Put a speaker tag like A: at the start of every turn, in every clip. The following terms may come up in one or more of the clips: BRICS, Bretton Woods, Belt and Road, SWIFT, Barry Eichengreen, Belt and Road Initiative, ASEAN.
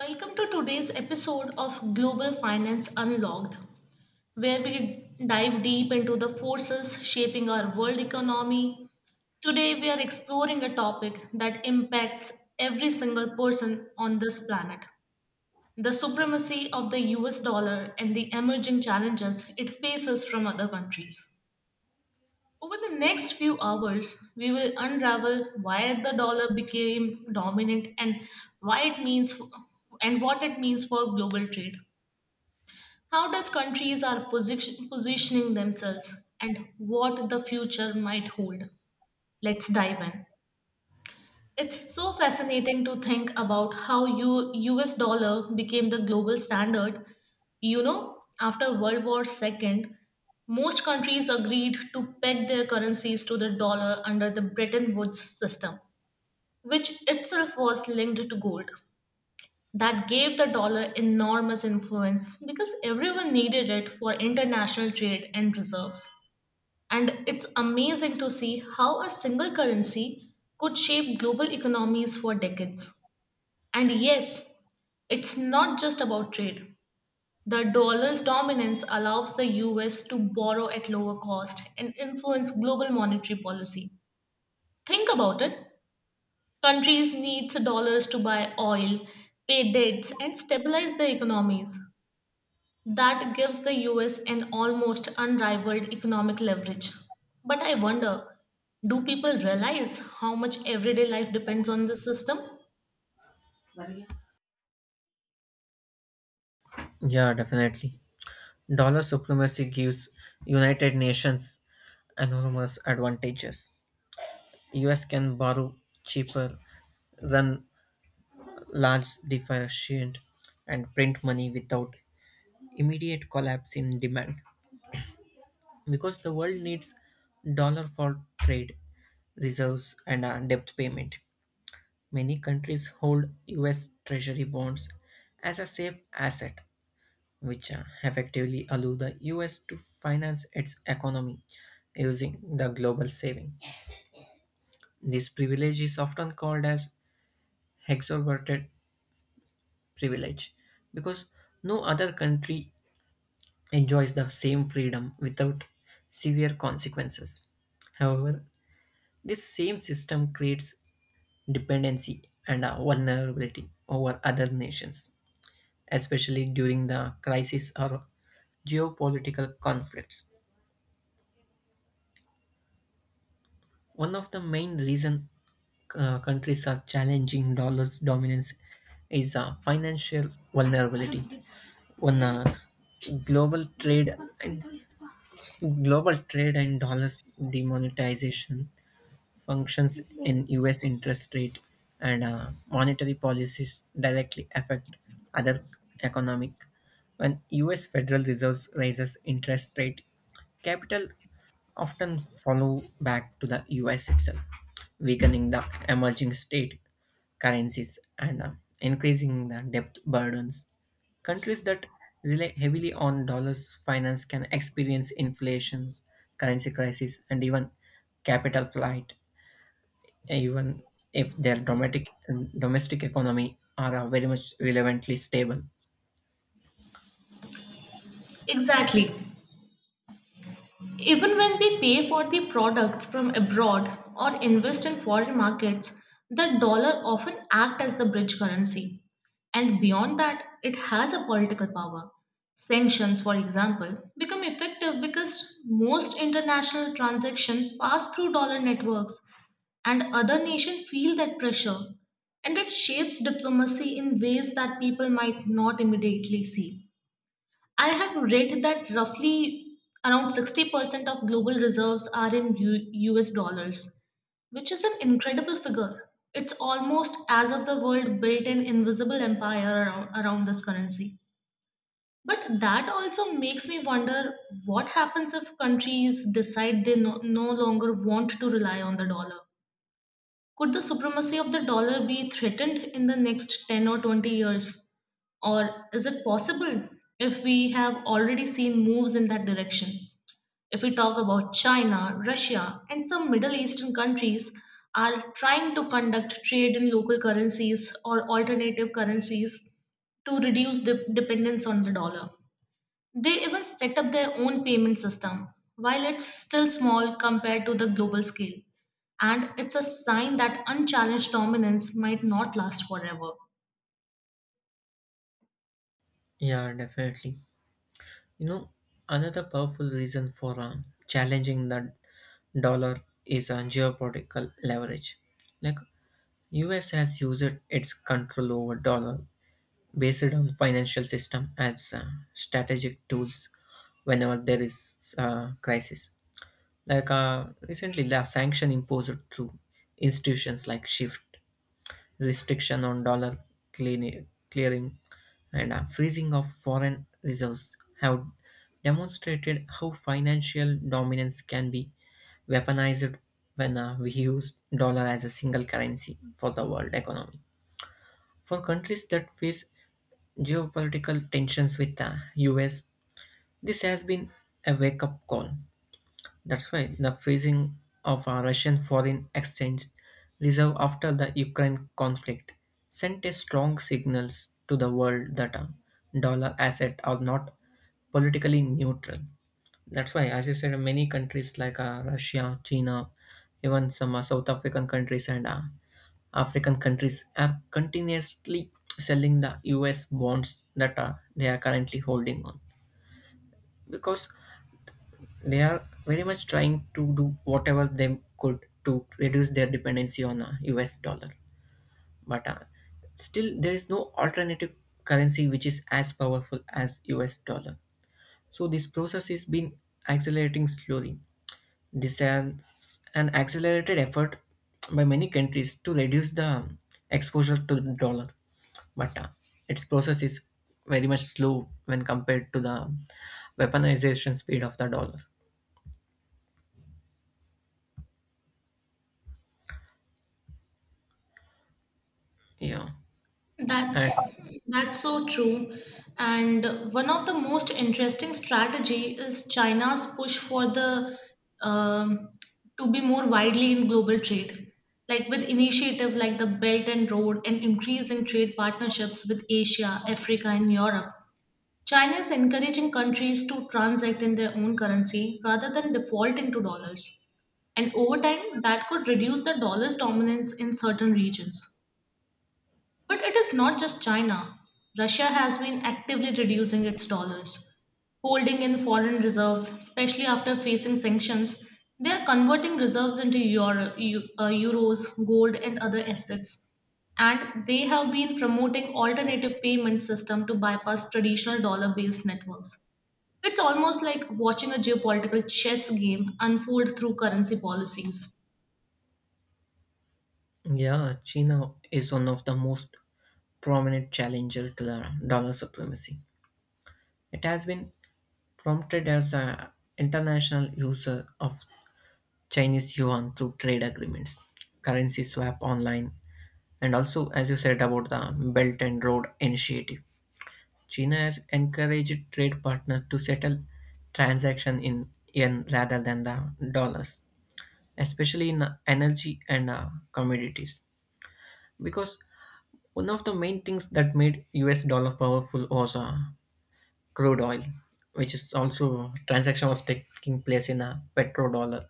A: Welcome to today's episode of Global Finance Unlocked, where we dive deep into the forces shaping our world economy. Today, we are exploring a topic that impacts every single person on this planet: the supremacy of the US dollar and the emerging challenges it faces from other countries. Over the next few hours, we will unravel why the dollar became dominant and why it means and what it means for global trade. How does countries are positioning themselves and what the future might hold? Let's dive in. It's so fascinating to think about how US dollar became the global standard. After World War II, most countries agreed to peg their currencies to the dollar under the Bretton Woods system, which itself was linked to gold. That gave the dollar enormous influence because everyone needed it for international trade and reserves. And it's amazing to see how a single currency could shape global economies for decades. And yes, it's not just about trade. The dollar's dominance allows the US to borrow at lower cost and influence global monetary policy. Think about it. Countries need dollars to buy oil, pay debts, and stabilize their economies. That gives the US an almost unrivaled economic leverage. But I wonder, do people realize how much everyday life depends on this system?
B: Yeah, definitely. Dollar supremacy gives United Nations enormous advantages. US can borrow cheaper, run large deficient, and print money without immediate collapse in demand. Because the world needs dollar for trade, reserves, and debt payment. Many countries hold US treasury bonds as a safe asset which effectively allow the US to finance its economy using the global saving. This privilege is often called as exorbitant privilege because no other country enjoys the same freedom without severe consequences. However, this same system creates dependency and vulnerability over other nations, especially during the crisis or geopolitical conflicts. One of the main reason countries are challenging dollar's dominance is financial vulnerability. One global trade and Global trade and dollars demonetization functions in US interest rate and monetary policies directly affect other economic. When US Federal Reserve raises interest rate, capital often follow back to the US itself, weakening the emerging state currencies and increasing the debt burdens. Countries that rely heavily on dollars finance can experience inflations, currency crisis, and even capital flight even if their domestic economy are very much relevantly stable.
A: Exactly. Even when we pay for the products from abroad or invest in foreign markets, the dollar often acts as the bridge currency. And beyond that, it has a political power. Sanctions, for example, become effective because most international transactions pass through dollar networks, and other nations feel that pressure, and it shapes diplomacy in ways that people might not immediately see. I have read that roughly around 60% of global reserves are in US dollars, which is an incredible figure. It's almost as if the world built an invisible empire around this currency. But that also makes me wonder what happens if countries decide they no longer want to rely on the dollar. Could the supremacy of the dollar be threatened in the next 10 or 20 years? Or is it possible if we have already seen moves in that direction? If we talk about China, Russia, and some Middle Eastern countries are trying to conduct trade in local currencies or alternative currencies to reduce the dependence on the dollar. They even set up their own payment system. While it's still small compared to the global scale, and it's a sign that unchallenged dominance might not last forever.
B: Yeah, definitely. You know, another powerful reason for challenging the dollar is geopolitical leverage. Like US has used its control over dollar based on financial system as strategic tools whenever there is crisis. Like recently, the sanction imposed through institutions like SWIFT restrictions on dollar clearing, and a freezing of foreign reserves have demonstrated how financial dominance can be weaponized when we use dollar as a single currency for the world economy. For countries that face geopolitical tensions with the US, this has been a wake up call. That's why the freezing of our Russian foreign exchange reserve after the Ukraine conflict sent a strong signals to the world that dollar asset are not politically neutral. That's why, as you said, many countries like Russia, China, even some South African countries and African countries are continuously selling the US bonds that they are currently holding on because they are very much trying to do whatever they could to reduce their dependency on US dollar. But still, there is no alternative currency which is as powerful as US dollar. So this process is been accelerating slowly. This is an accelerated effort by many countries to reduce the exposure to the dollar, but its process is very much slow when compared to the weaponization speed of the dollar. Yeah, and
A: That's that's so true. And one of the most interesting strategy is China's push for the um, to be more widely in global trade, like with initiative like the Belt and Road and increase in trade partnerships with Asia, Africa, and Europe. China is encouraging countries to transact in their own currency rather than default into dollars. And over time, that could reduce the dollar's dominance in certain regions. But it is not just China. Russia has been actively reducing its dollars, holding in foreign reserves, especially after facing sanctions. They are converting reserves into euros, gold, and other assets. And they have been promoting alternative payment system to bypass traditional dollar-based networks. It's almost like watching a geopolitical chess game unfold through currency policies.
B: Yeah, China is one of the most prominent challenger to the dollar supremacy. It has been prompted as an international user of Chinese yuan through trade agreements, currency swap online, and also, as you said about the Belt and Road Initiative. China has encouraged trade partners to settle transaction in yen rather than the dollars, especially in energy and commodities, because one of the main things that made US dollar powerful was crude oil, which is also transaction was taking place in a petrodollar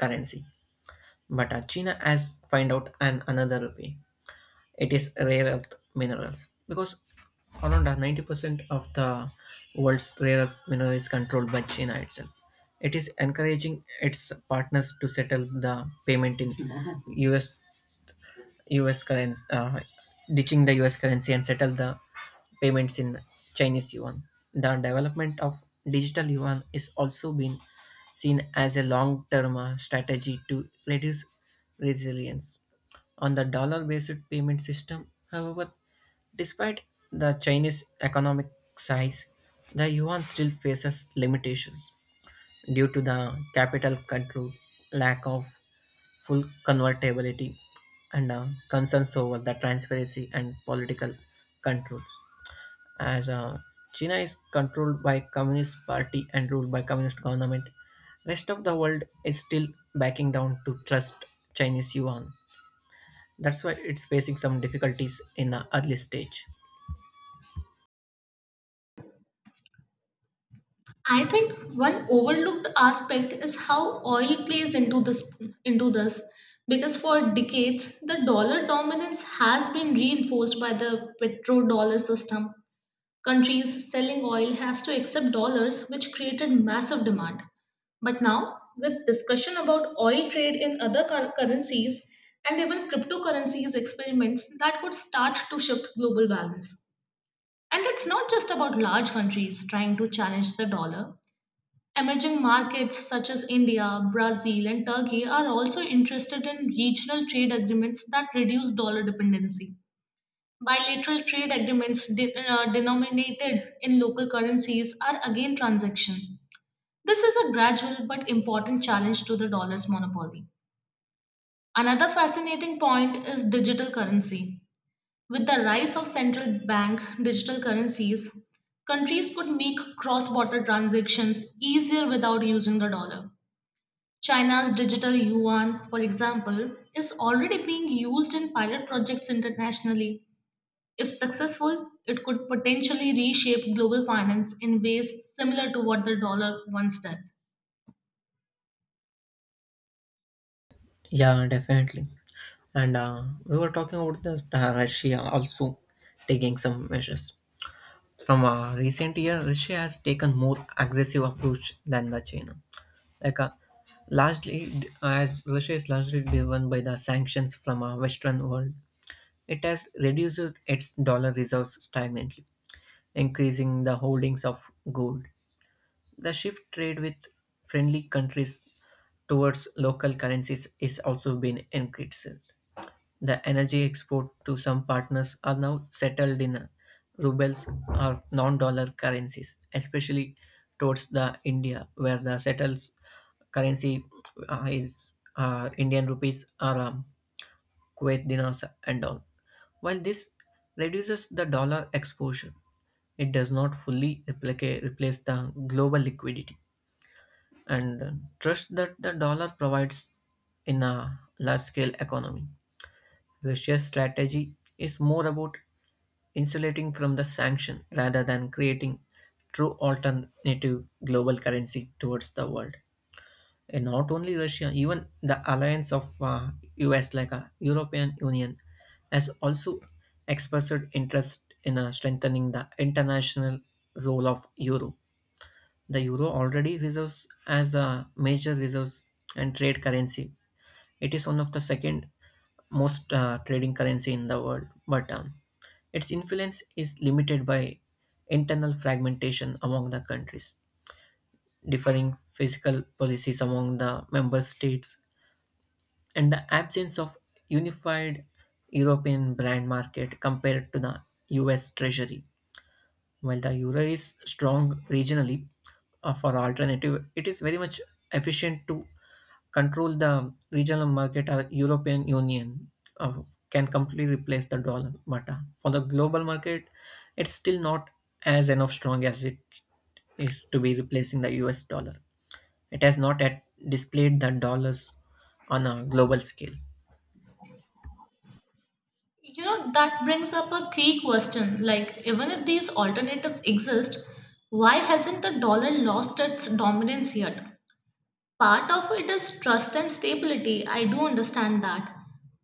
B: currency. But China has find out an another way. It is rare earth minerals because around 90% of the world's rare earth mineral is controlled by China itself. It is encouraging its partners to settle the payment in US US currency, ditching the US currency and settle the payments in Chinese yuan. The development of digital yuan is also been seen as a long-term strategy to reduce resilience on the dollar-based payment system. However, despite the Chinese economic size, the yuan still faces limitations due to the capital control, lack of full convertibility and concerns over the transparency and political controls. As China is controlled by Communist Party and ruled by Communist government, rest of the world is still backing down to trust Chinese yuan. That's why it's facing some difficulties in the early stage.
A: I think one overlooked aspect is how oil plays into this, because for decades the dollar dominance has been reinforced by the petrodollar system. Countries selling oil has to accept dollars, which created massive demand. But now with discussion about oil trade in other currencies and even cryptocurrencies experiments that could start to shift global balance. And it's not just about large countries trying to challenge the dollar. Emerging markets such as India, Brazil, and Turkey are also interested in regional trade agreements that reduce dollar dependency. Bilateral trade agreements denominated in local currencies are again transaction. This is a gradual but important challenge to the dollar's monopoly. Another fascinating point is digital currency. With the rise of central bank digital currencies, countries could make cross border transactions easier without using the dollar. China's digital yuan, for example, is already being used in pilot projects internationally. If successful, it could potentially reshape global finance in ways similar to what the dollar once did.
B: Yeah, definitely. And we were talking about this, Russia also taking some measures. From a recent year, Russia has taken more aggressive approach than the China. Like a Largely as Russia is largely driven by the sanctions from a Western world, it has reduced its dollar reserves stagnantly, increasing the holdings of gold. The shift trade with friendly countries towards local currencies is also been increased. The energy export to some partners are now settled in rubles or non-dollar currencies, especially towards the India, where the settles currency is Indian rupees or Kuwait dinars and all. While this reduces the dollar exposure, it does not fully replace the global liquidity and trust that the dollar provides in a large scale economy. Russia's strategy is more about insulating from the sanction rather than creating true alternative global currency towards the world. And not only Russia, even the alliance of US like a European Union has also expressed interest in strengthening the international role of euro. The euro already reserves as a major reserves and trade currency. It is one of the second most trading currency in the world, but its influence is limited by internal fragmentation among the countries, differing fiscal policies among the member states, and the absence of unified European brand market compared to the US Treasury. While the euro is strong regionally for alternative, it is very much efficient to control the regional market or European Union uh, can completely replace the dollar. But for the global market, it's still not as enough strong as it is to be replacing the US dollar. It has not yet displayed the dollars on a global scale.
A: That brings up a key question like, even if these alternatives exist, why hasn't the dollar lost its dominance yet? Part of it is trust and stability. I do understand that.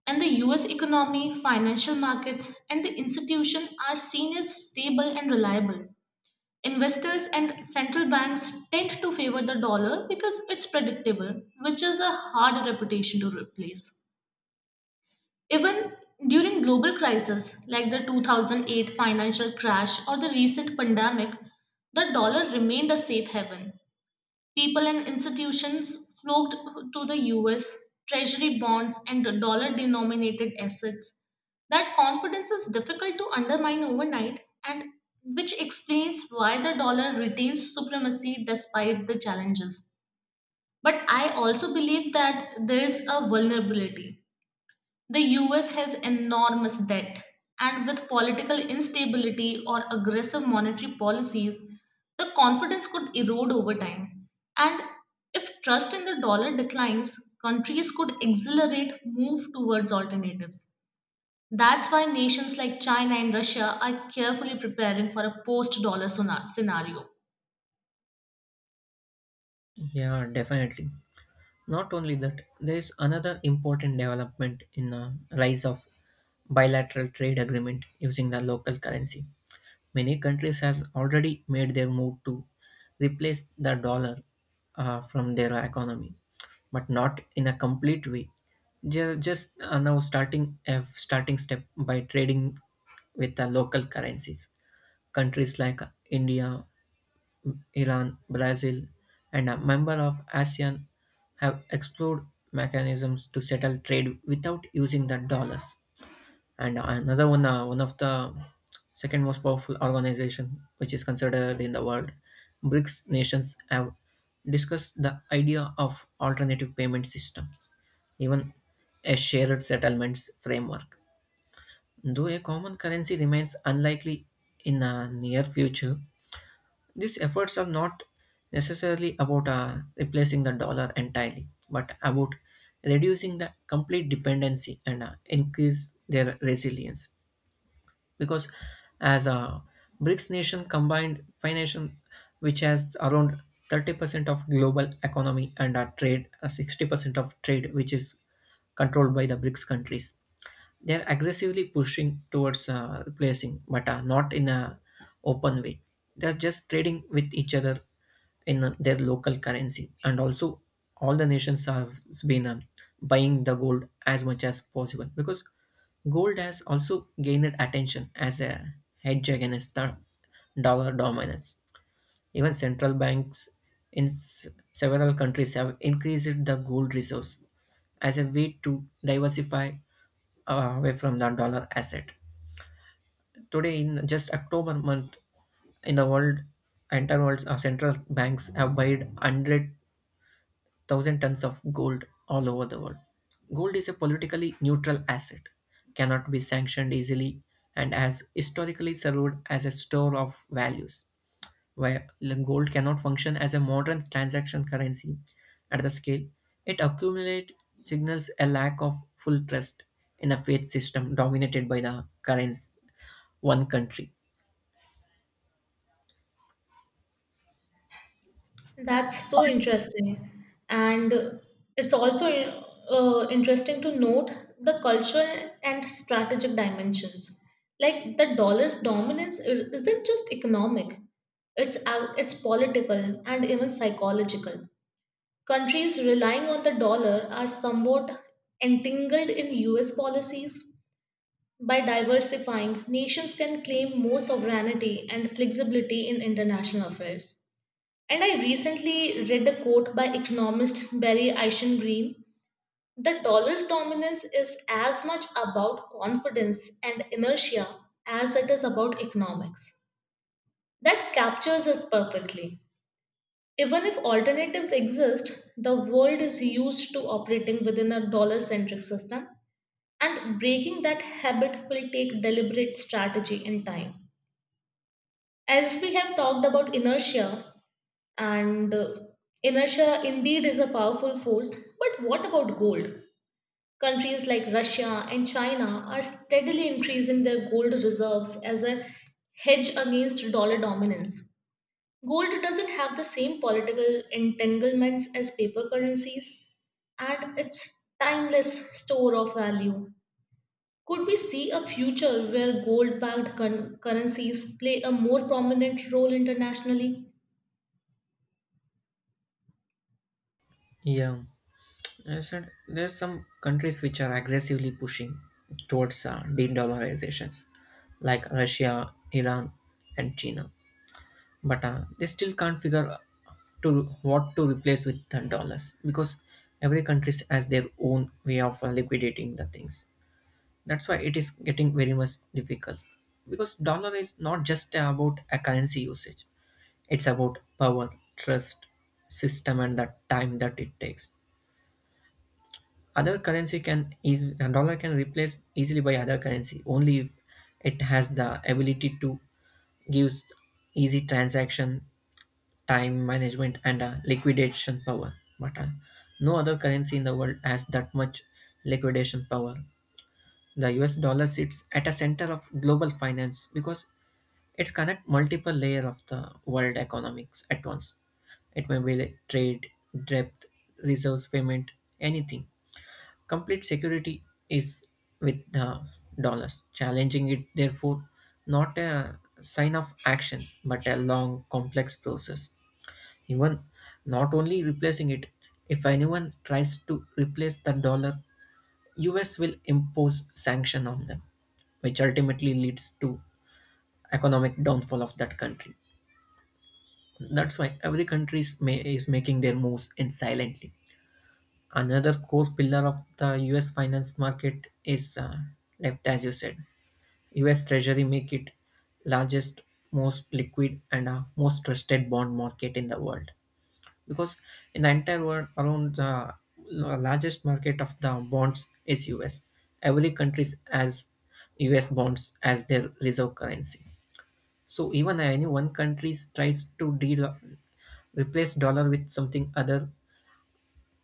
A: And the US economy, financial markets, and the institution are seen as stable and reliable. Investors and central banks tend to favor the dollar because it's predictable, which is a hard reputation to replace. Even during global crises like the 2008 financial crash or the recent pandemic, the dollar remained a safe haven. People and institutions flocked to the US, treasury bonds, and dollar denominated assets. That confidence is difficult to undermine overnight, and which explains why the dollar retains supremacy despite the challenges. But I also believe that there is a vulnerability. The US has enormous debt, and with political instability or aggressive monetary policies, the confidence could erode over time. And if trust in the dollar declines, countries could accelerate move towards alternatives. That's why nations like China and Russia are carefully preparing for a post dollar scenario.
B: Yeah, definitely. Not only that, there is another important development in the rise of bilateral trade agreement using the local currency. Many countries have already made their move to replace the dollar from their economy, but not in a complete way. They're just now starting step by trading with the local currencies. Countries like India, Iran, Brazil, and a member of ASEAN have explored mechanisms to settle trade without using the dollars. And another one, one of the second most powerful organization, which is considered in the world, BRICS nations have discussed the idea of alternative payment systems, even a shared settlements framework. Though a common currency remains unlikely in the near future, these efforts are not necessarily about replacing the dollar entirely, but about reducing the complete dependency and increase their resilience. Because as a BRICS nation combined financial, which has around 30% of global economy and trade, 60% of trade, which is controlled by the BRICS countries. They're aggressively pushing towards replacing, but not in a open way. They're just trading with each other in their local currency, and also all the nations have been buying the gold as much as possible because gold has also gained attention as a hedge against the dollar dominance. Even central banks in several countries have increased the gold reserves as a way to diversify away from the dollar asset. Today, in just October month, in the world, entire world, central banks have bought 100,000 tons of gold all over the world. Gold is a politically neutral asset, cannot be sanctioned easily, and has historically served as a store of values. While gold cannot function as a modern transaction currency at the scale, it accumulates signals a lack of full trust in a faith system dominated by the current one country.
A: That's so interesting. And It's also interesting to note the cultural and strategic dimensions. Like the dollar's dominance isn't just economic, it's political and even psychological. Countries relying on the dollar are somewhat entangled in US policies. By diversifying, nations can claim more sovereignty and flexibility in international affairs. And I recently read a quote by economist Barry Eichengreen. The dollar's dominance is as much about confidence and inertia as it is about economics. That captures it perfectly. Even if alternatives exist, the world is used to operating within a dollar centric system, and breaking that habit will take deliberate strategy and time. As we have talked about inertia, And inertia indeed is a powerful force, but what about gold? Countries like Russia and China are steadily increasing their gold reserves as a hedge against dollar dominance. Gold doesn't have the same political entanglements as paper currencies, and its timeless store of value. Could we see a future where gold backed currencies play a more prominent role internationally?
B: Yeah, I said there's some countries which are aggressively pushing towards de-dollarizations, like Russia, Iran, and China. But they still can't figure to what to replace with the dollars because every country has their own way of liquidating the things. That's why it is getting very much difficult because dollar is not just about a currency usage, it's about power, trust, system and the time that it takes. Other currency can easily Dollar can replace easily by other currency only if it has the ability to gives easy transaction, time management and liquidation power. But no other currency in the world has that much liquidation power. The US dollar sits at a center of global finance because it's connect multiple layer of the world economics at once. It may be like trade, debt, reserves payment, anything. Complete security is with the dollars. Challenging it, therefore, not a sign of action, but a long, complex process. Even not only replacing it, if anyone tries to replace the dollar, US will impose sanction on them, which ultimately leads to economic downfall of that country. That's why every country is, is making their moves in silently. Another core pillar of the US finance market is debt, as you said. US Treasury make it largest, most liquid, and most trusted bond market in the world. Because in the entire world around the largest market of the bonds is US. Every country has US bonds as their reserve currency. So even any one country tries to replace dollar with something other,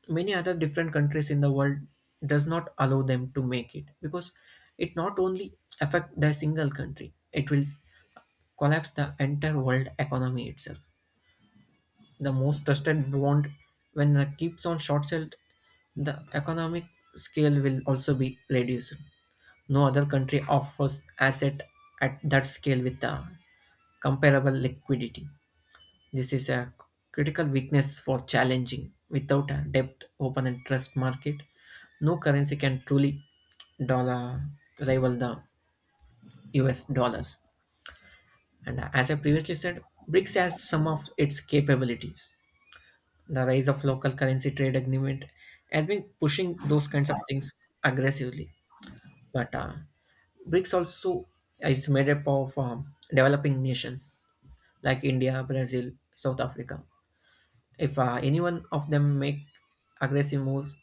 B: many other different countries in the world does not allow them to make it because it not only affect the single country, it will collapse the entire world economy itself. The most trusted bond, when the keeps on short sold, the economic scale will also be reduced. No other country offers asset at that scale with the comparable liquidity. This is a critical weakness for challenging. Without a depth open and trust market, no currency can truly dollar rival the us dollars. And as I previously said, BRICS has some of its capabilities. The rise of local currency trade agreement has been pushing those kinds of things aggressively. But BRICS also is made up of developing nations like India, Brazil, South Africa. If any one of them make aggressive moves,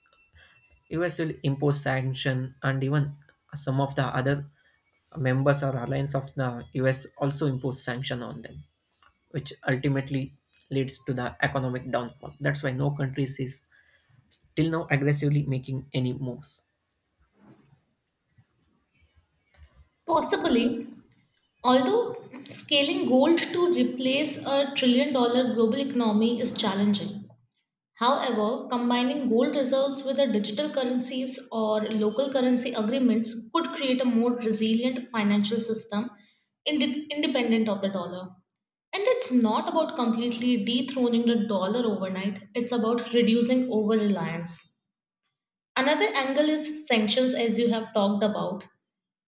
B: US will impose sanction, and even some of the other members or alliance of the US also impose sanction on them, which ultimately leads to the economic downfall. That's why no country is till now aggressively making any moves.
A: Possibly, although scaling gold to replace a $1 trillion global economy is challenging. However, combining gold reserves with a digital currencies or local currency agreements could create a more resilient financial system independent of the dollar. And it's not about completely dethroning the dollar overnight, it's about reducing over reliance. Another angle is sanctions, as you have talked about.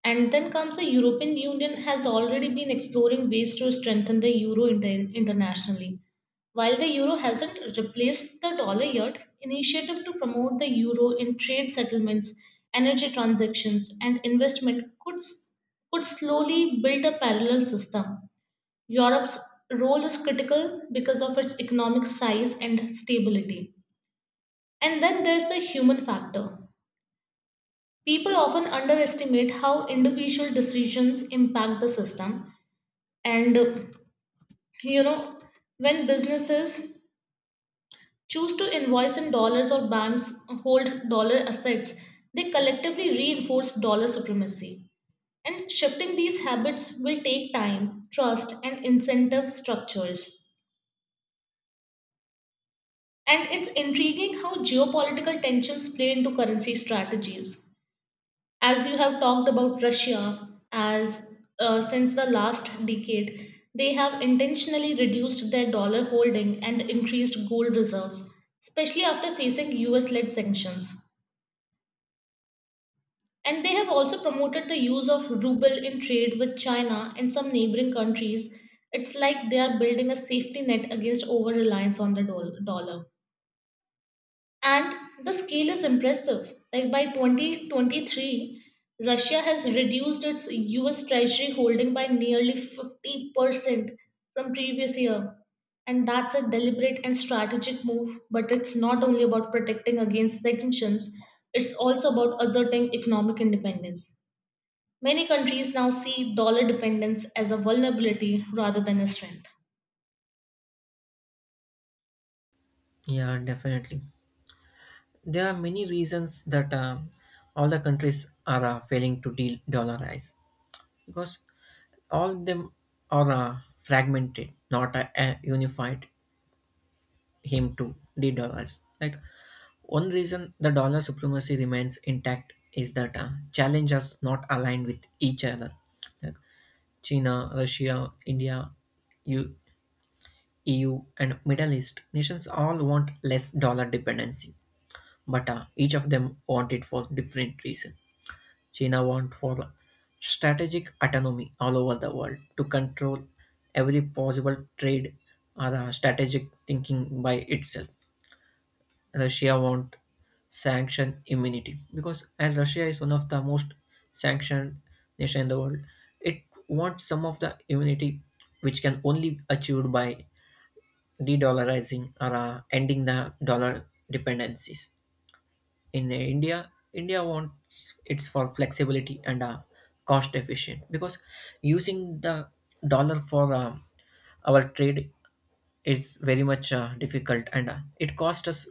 A: And then comes the European Union has already been exploring ways to strengthen the euro internationally. While the euro hasn't replaced the dollar yet, initiative to promote the euro in trade settlements, energy transactions, and investment could slowly build a parallel system. Europe's role is critical because of its economic size and stability. And then there's the human factor. People often underestimate how individual decisions impact the system. And you know, when businesses choose to invoice in dollars or banks hold dollar assets, they collectively reinforce dollar supremacy. And shifting these habits will take time, trust, and incentive structures. And it's intriguing how geopolitical tensions play into currency strategies. As you have talked about Russia, as since the last decade, they have intentionally reduced their dollar holding and increased gold reserves, especially after facing US led sanctions. And they have also promoted the use of ruble in trade with China and some neighboring countries. It's like they are building a safety net against over reliance on the dollar. And the scale is impressive. Like by 2023, Russia has reduced its US Treasury holding by nearly 50% from previous year. And that's a deliberate and strategic move, but it's not only about protecting against sanctions, it's also about asserting economic independence. Many countries now see dollar dependence as a vulnerability rather than a strength.
B: Yeah, definitely. There are many reasons that all the countries are failing to deal dollarize because all them are fragmented, not unified him to de-dollarize. Like one reason the dollar supremacy remains intact is that challenges not aligned with each other. Like China, Russia, India, U- EU, and Middle East nations all want less dollar dependency, but each of them want it for different reason. China want for strategic autonomy all over the world to control every possible trade or strategic thinking by itself. Russia want sanction immunity because as Russia is one of the most sanctioned nation in the world, it wants some of the immunity which can only achieved by de-dollarizing or ending the dollar dependencies. In the India, India wants it's for flexibility and cost efficient because using the dollar for our trade is very much difficult and it costs us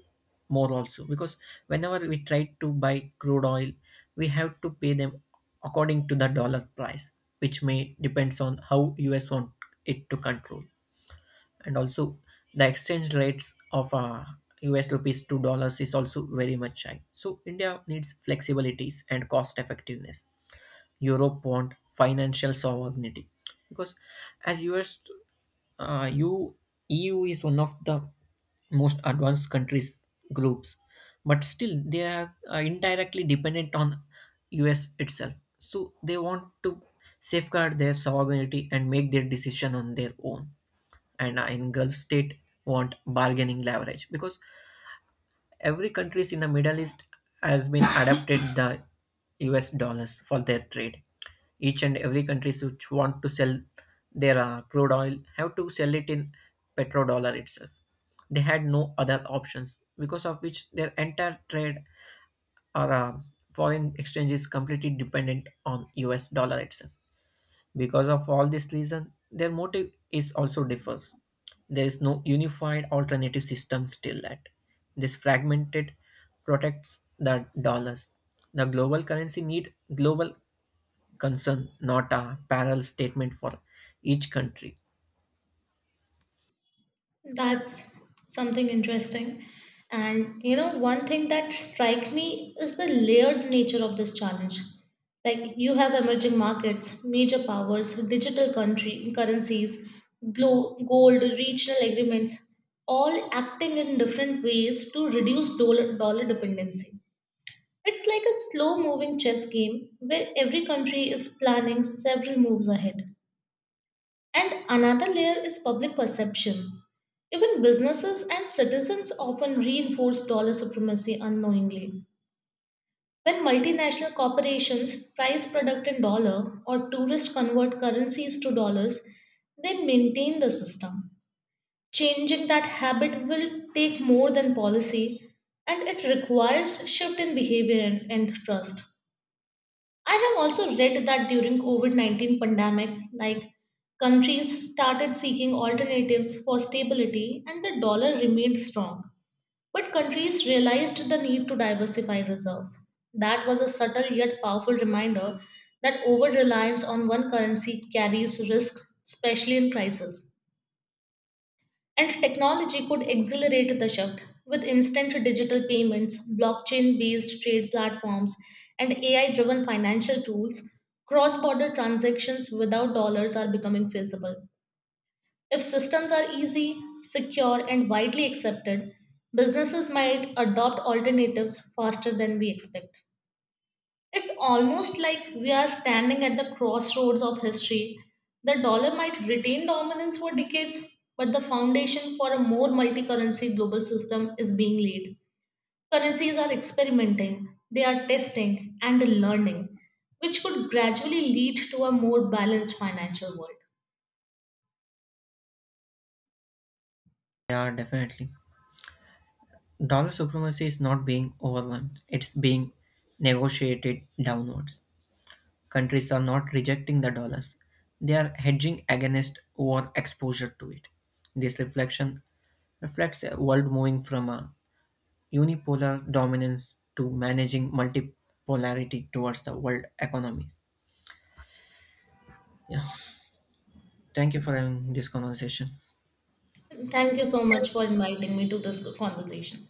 B: more also because whenever we try to buy crude oil, we have to pay them according to the dollar price, which may depends on how US want it to control and also the exchange rates of US rupees to dollars is also very much high. So India needs flexibilities and cost effectiveness. Europe want financial sovereignty because as US, you EU is one of the most advanced countries groups, but still they are indirectly dependent on US itself. So they want to safeguard their sovereignty and make their decision on their own and in Gulf state want bargaining leverage because every countries in the Middle East has been adapted the US dollars for their trade. Each and every countries which want to sell their crude oil have to sell it in petrodollar itself. They had no other options, because of which their entire trade or foreign exchange is completely dependent on US dollar itself. Because of all this reason, their motive is also differs. There is no unified alternative system still at. This fragmented protects the dollars. The global currency need global concern, not a parallel statement for each country.
A: That's something interesting. And one thing that strike me is the layered nature of this challenge. Like you have emerging markets, major powers, digital country currencies, gold, regional agreements, all acting in different ways to reduce dollar dependency. It's like a slow moving chess game where every country is planning several moves ahead. And another layer is public perception. Even businesses and citizens often reinforce dollar supremacy unknowingly. When multinational corporations price product in dollar or tourists convert currencies to dollars, they maintain the system. Changing that habit will take more than policy, and it requires shift in behavior and trust. I have also read that during COVID-19 pandemic, like countries started seeking alternatives for stability and the dollar remained strong. But countries realized the need to diversify reserves. That was a subtle yet powerful reminder that over-reliance on one currency carries risk, especially in crisis. And technology could accelerate the shift with instant digital payments, blockchain based trade platforms, and AI driven financial tools. Cross border transactions without dollars are becoming feasible. If systems are easy, secure, and widely accepted, businesses might adopt alternatives faster than we expect. It's almost like we are standing at the crossroads of history. The dollar might retain dominance for decades, but the foundation for a more multi currency global system is being laid. Currencies are experimenting, they are testing and learning, which could gradually lead to a more balanced financial world.
B: Yeah, definitely. Dollar supremacy is not being overwhelmed, it's being negotiated downwards. Countries are not rejecting the dollars, they are hedging against over exposure to it. This reflection reflects a world moving from a unipolar dominance to managing multipolarity towards the world economy. Yeah. Thank you for having this conversation.
A: Thank you so much for inviting me to this conversation.